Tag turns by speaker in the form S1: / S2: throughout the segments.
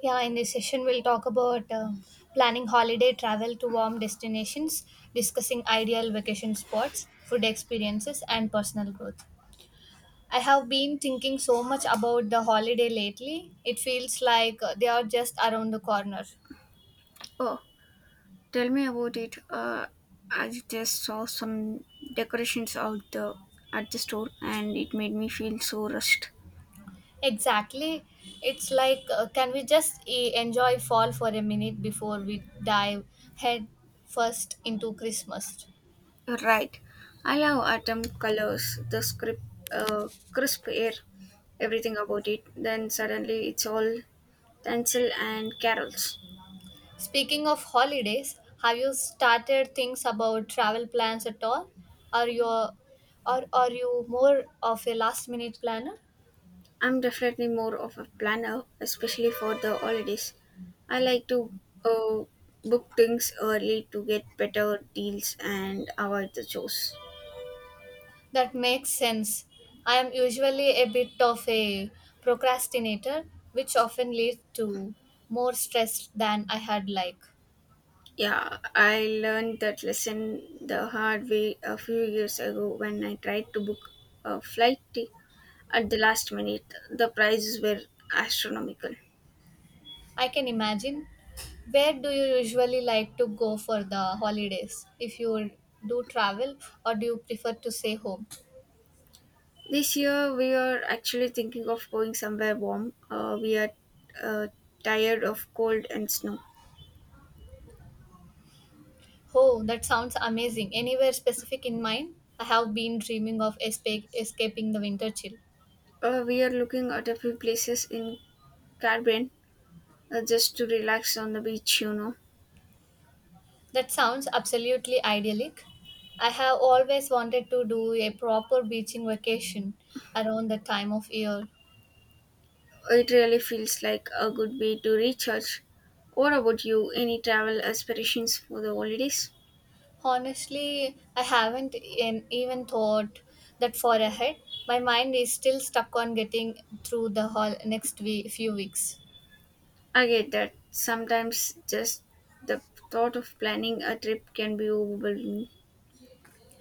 S1: Yeah, in this session, we'll talk about planning holiday travel to warm destinations, discussing ideal vacation spots, food experiences, and personal growth. I have been thinking so much about the holiday lately. It feels like they are just around the corner.
S2: Oh, tell me about it. I just saw some decorations out the at the store, and it made me feel so rushed.
S1: Exactly. It's like, can we just enjoy fall for a minute before we dive head first into Christmas?
S2: You're right. I love autumn colors, the script, crisp air, everything about it. Then suddenly it's all tinsel and carols.
S1: Speaking of holidays, have you started things about travel plans at all? Are you or are you more of a last minute planner?
S2: I'm definitely more of a planner, especially for the holidays. I like to uh, book things early to get better deals and avoid the chores.
S1: That makes sense. I am usually a bit of a procrastinator, which often leads to more stress than I had like.
S2: Yeah, I learned that lesson the hard way a few years ago when I tried to book a at the last minute. The prices were astronomical.
S1: I can imagine. Where do you usually like to go for the holidays? If you do travel or do you prefer to stay home?
S2: This year, we are actually thinking of going somewhere warm. We are uh, tired of cold and snow.
S1: Oh, that sounds amazing. Anywhere specific in mind? I have been dreaming of escape, escaping the winter chill.
S2: We are looking at a few places in Caribbean, just to relax on the beach, you know.
S1: That sounds absolutely idyllic. I have always wanted to do a proper beaching vacation around the time of year.
S2: It really feels like a good way to recharge. What about you? Any travel aspirations for the holidays?
S1: Honestly, I haven't even thought that far ahead. My mind is still stuck on getting through the whole next few weeks.
S2: I get that. Sometimes just the thought of planning a trip can be overwhelming.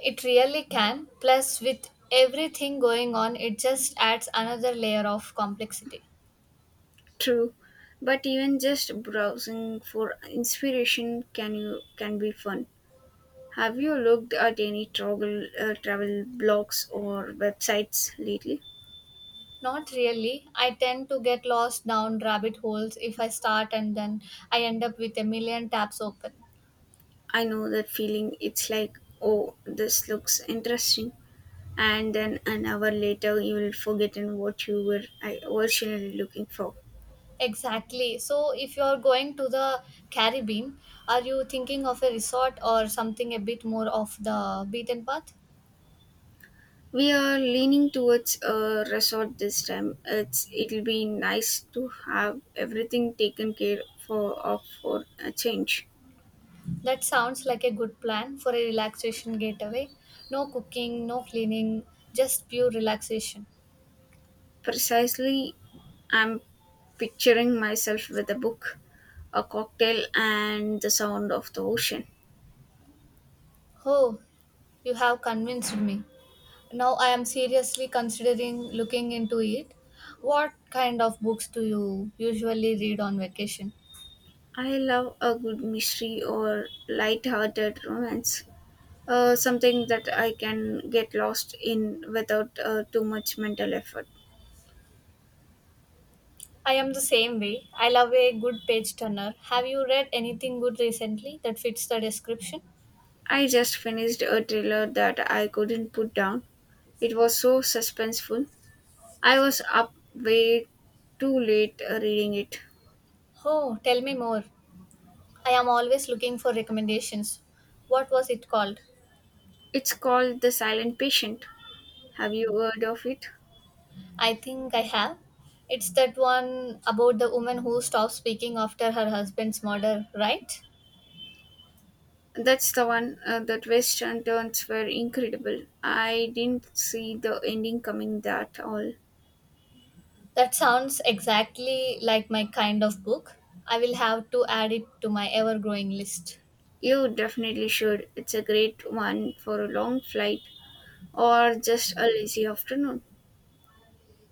S1: It really can. Plus, with everything going on, it just adds another layer of complexity.
S2: True. But even just browsing for inspiration can you can be fun. Have you looked at any travel travel blogs or websites lately?
S1: Not really. I tend to get lost down rabbit holes if I start and then I end up with a million tabs open.
S2: I know that feeling. It's like, oh, this looks interesting, and then an hour later you will forgotten what you were originally looking for.
S1: Exactly. So, if you are going to the Caribbean, are you thinking of a resort or something a bit more of the beaten path?
S2: We are leaning towards a resort this time. It'll be nice to have everything taken care for of for a change.
S1: That sounds like a good plan for a relaxation getaway. No cooking, no cleaning, just pure relaxation.
S2: Precisely, I'm picturing myself with a book, a cocktail, and the sound of the ocean.
S1: Oh, you have convinced me. Now I am seriously considering looking into it. What kind of books do you usually read on vacation?
S2: I love a good mystery or light-hearted romance. Something that I can get lost in without too much mental effort.
S1: I am the same way. I love a good page turner. Have you read anything good recently that fits the description?
S2: I just finished a thriller that I couldn't put down. It was so suspenseful. I was up way too late reading it.
S1: Oh, tell me more. I am always looking for recommendations. What was it called?
S2: It's called The Silent Patient. Have you heard of it?
S1: I think I have. It's that one about the woman who stopped speaking after her husband's murder, right?
S2: That's the one. The twists and turns were incredible. I didn't see the ending coming that all.
S1: That sounds exactly like my kind of book. I will have to add it to my ever growing list.
S2: You definitely should. It's a great one for a long flight or just a lazy afternoon.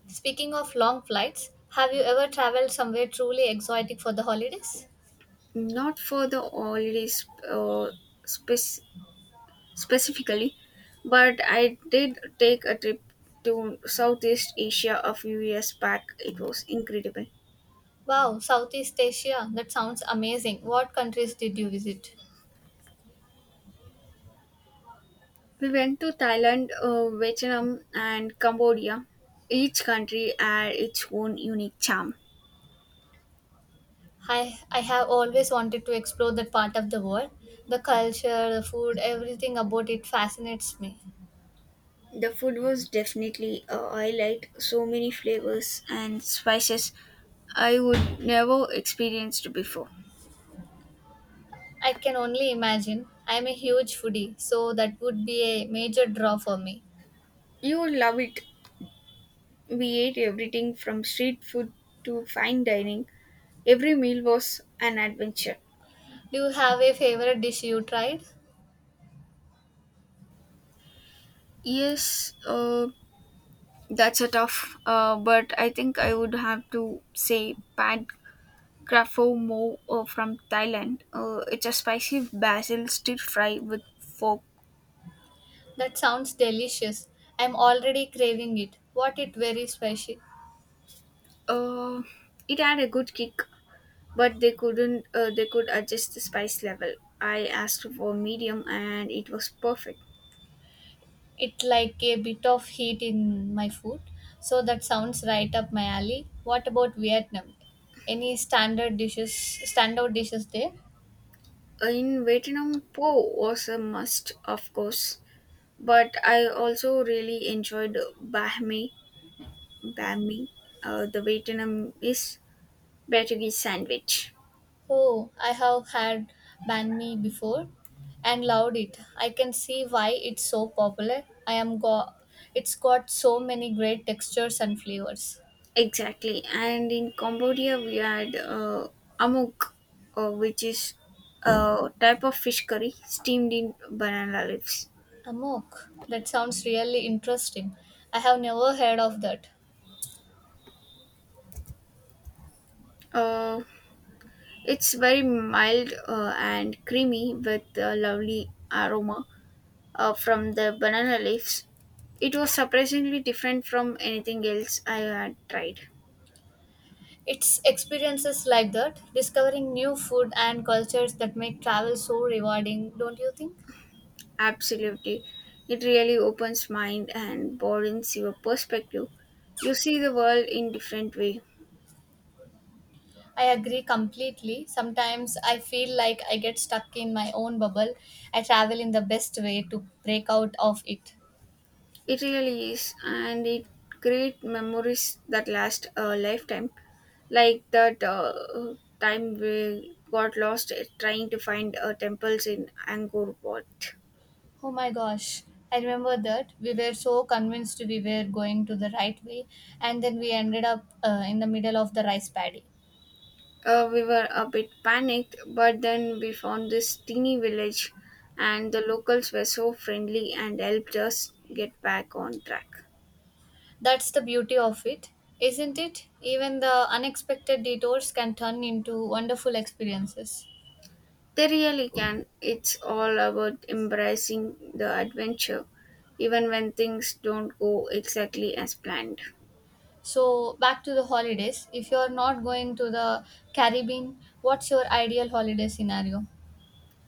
S1: Speaking of long flights, have you ever traveled somewhere truly exotic for the holidays?
S2: Not for the holidays spec- specifically, but I did take a trip to Southeast Asia a few years back. It was incredible.
S1: Wow, Southeast Asia, that sounds amazing. What countries did you visit?
S2: We went to Thailand, Vietnam, and Cambodia. Each country had its own unique charm.
S1: I have always wanted to explore that part of the world. The culture, the food, everything about it fascinates me.
S2: The food was definitely a highlight. So many flavors and spices I would never experienced before.
S1: I can only imagine. I am a huge foodie, so that would be a major draw for me.
S2: You would love it. We ate everything from street food to fine dining. Every meal was an adventure.
S1: Do you have a favorite dish you tried?
S2: Yes, that's a tough, but I think I would have to say Pad Krapho Mo from Thailand. It's a spicy basil stir fry with fork.
S1: That sounds delicious. I'm already craving it. What it very special.
S2: Uh, it had a good kick, but they couldn't. They could adjust the spice level. I asked for medium, and it was perfect.
S1: It like a bit of heat in my food. So that sounds right up my alley. What about Vietnam? Any standard dishes standout dishes there?
S2: In Vietnam, po was a must, of course. But I also really enjoyed Bahme, Bahme, the Vietnamese Portuguese sandwich.
S1: Oh, I have had banh mi before and loved it. I can see why it's so popular. I am go it's got so many great textures and flavors.
S2: Exactly. And in Cambodia, we had amok, which is a type of fish curry steamed in banana leaves.
S1: Amok. That sounds really interesting. I have never heard of that.
S2: Uh, it's very mild and creamy with a lovely aroma from the banana leaves. It was surprisingly different from anything else I had tried.
S1: It's experiences like that, discovering new food and cultures that make travel so rewarding, don't you think?
S2: Absolutely. It really opens mind and broadens your perspective. You see the world in different way.
S1: I agree completely. Sometimes I feel like I get stuck in my own bubble. I travel in the best way to break out of it.
S2: It really is, and it create memories that last a lifetime. Like that time we got lost trying to find temples in Angkor Wat.
S1: Oh my gosh. I remember that we were so convinced we were going to the right way, and then we ended up in the middle of the rice paddy.
S2: We were a bit panicked, but then we found this teeny village, and the locals were so friendly and helped us get back on track.
S1: That's the beauty of it, isn't it? Even the unexpected detours can turn into wonderful experiences.
S2: They really can. It's all about embracing the adventure, even when things don't go exactly as planned.
S1: So, back to the holidays. If you're not going to the Caribbean, what's your ideal holiday scenario?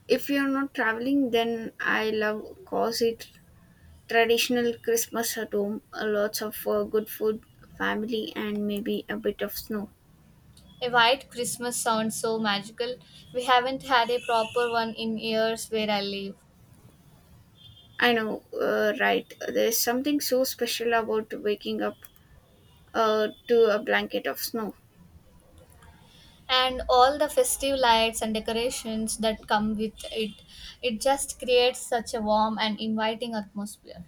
S2: If you're not traveling, then I love traditional Christmas at home, lots of good food, family, and maybe a bit of snow.
S1: A white Christmas sounds so magical. We haven't had a proper one in years where I live.
S2: I know, right? There's something so special about waking up to a blanket of snow.
S1: And all the festive lights and decorations that come with it, it just creates such a warm and inviting atmosphere.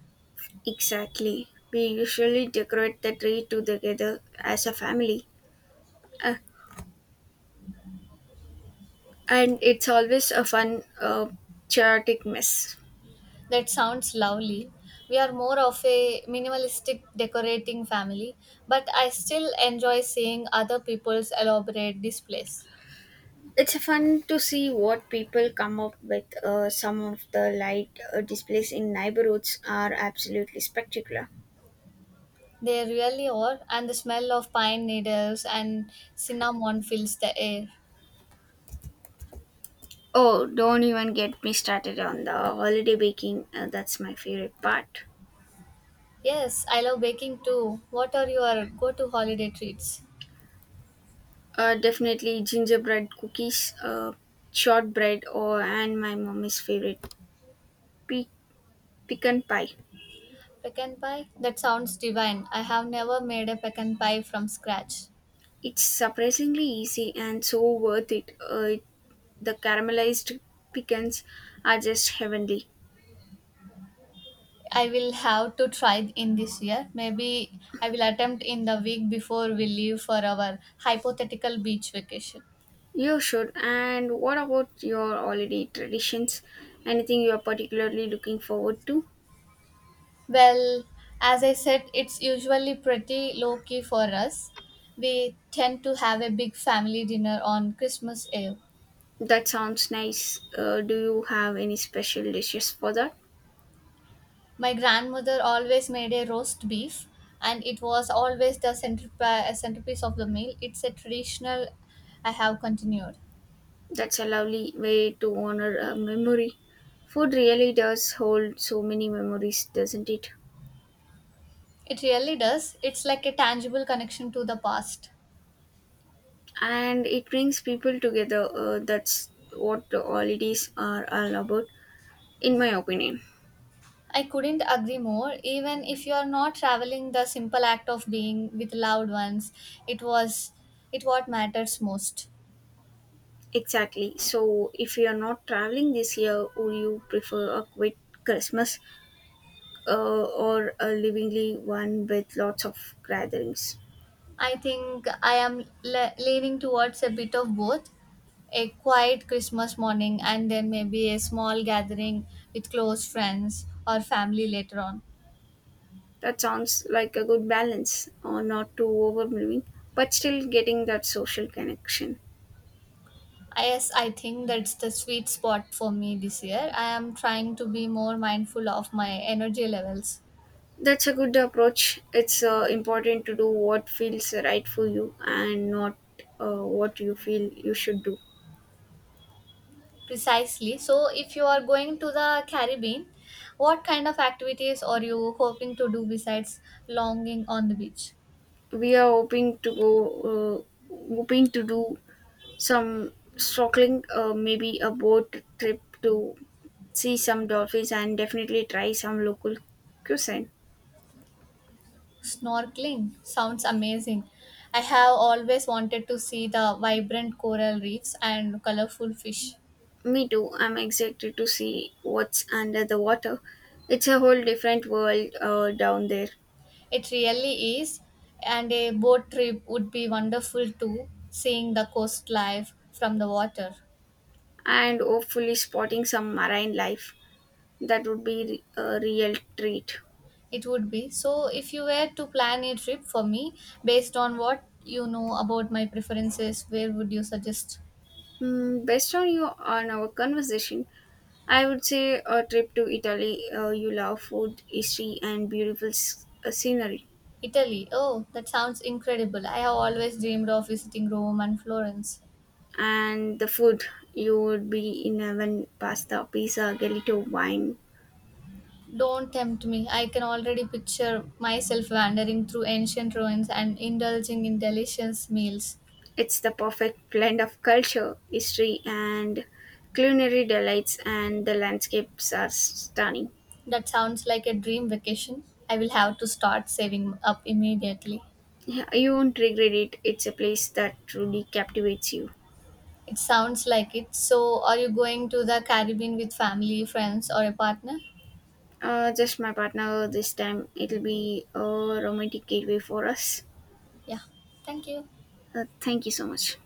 S2: Exactly. We usually decorate the tree together as a family. A and it's always a fun, chaotic mess.
S1: That sounds lovely. We are more of a minimalistic decorating family, but I still enjoy seeing other people's elaborate displays.
S2: It's fun to see what people come up with. Some of the light displays in neighborhoods are absolutely spectacular.
S1: They really are, and the smell of pine needles and cinnamon fills the air.
S2: Oh, don't even get me started on the holiday baking, that's my favorite part.
S1: Yes, I love baking too. What are your go to holiday treats?
S2: Definitely gingerbread cookies, uh, shortbread or and my mommy's favorite, pe- pecan pie.
S1: Pecan pie? That sounds divine. I have never made a pecan pie from scratch.
S2: It's surprisingly easy and so worth it. The caramelized pecans are just heavenly.
S1: I will have to try in this year. Maybe I will attempt in the week before we leave for our hypothetical beach vacation.
S2: You should. And what about your holiday traditions? Anything you are particularly looking forward to?
S1: Well, as I said, it's usually pretty low key for us. We tend to have a big family dinner on Christmas Eve.
S2: That sounds nice. Do you have any special dishes for that?
S1: My grandmother always made a roast beef, and it was always the centerpiece of the meal. It's a traditional I have continued.
S2: That's a lovely way to honor a memory. Food really does hold so many memories, doesn't it?
S1: It really does. It's like a tangible connection to the past.
S2: And it brings people together. That's what the holidays are all about, in my opinion.
S1: I couldn't agree more. Even if you are not traveling, the simple act of being with loved ones, it was it what matters most.
S2: Exactly. So, if you are not traveling this year, would you prefer a quiet Christmas, or a livingly one with lots of gatherings?
S1: I think I am leaning towards a bit of both, a quiet Christmas morning and then maybe a small gathering with close friends or family later on.
S2: That sounds like a good balance, or not too overwhelming, but still getting that social connection.
S1: Yes, I think that's the sweet spot for me this year. I am trying to be more mindful of my energy levels.
S2: That's a good approach. It's important to do what feels right for you and not what you feel you should do.
S1: Precisely. So, if you are going to the Caribbean, what kind of activities are you hoping to do besides longing on the beach?
S2: We are hoping to hoping to do some snorkeling, maybe a boat trip to see some dolphins, and definitely try some local cuisine.
S1: Snorkeling sounds amazing. I have always wanted to see the vibrant coral reefs and colorful fish.
S2: Me too. I'm excited to see what's under the water. It's a whole different world down there,
S1: It really is, and a boat trip would be wonderful too, seeing the coast life from the water.
S2: and hopefully spotting some marine life. That would be a real treat.
S1: It would be. So, if you were to plan a trip for me based on what you know about my preferences, where would you suggest?
S2: Mm, based on you on our conversation, I would say a trip to Italy. You love food, history, and beautiful scenery.
S1: Italy. Oh, that sounds incredible. I have always dreamed of visiting Rome and Florence.
S2: And the food, you would be in heaven. Pasta, pizza, gelato, wine.
S1: Don't tempt me. I can already picture myself wandering through ancient ruins and indulging in delicious meals.
S2: It's the perfect blend of culture, history, and culinary delights. And the landscapes are stunning.
S1: That sounds like a dream vacation. I will have to start saving up immediately.
S2: Yeah, you won't regret it. It's a place that truly captivates you.
S1: It sounds like it. So, are you going to the Caribbean with family, friends, or a partner?
S2: Just my partner this time. It'll be a romantic getaway for us.
S1: Yeah. Thank you.
S2: Thank you so much.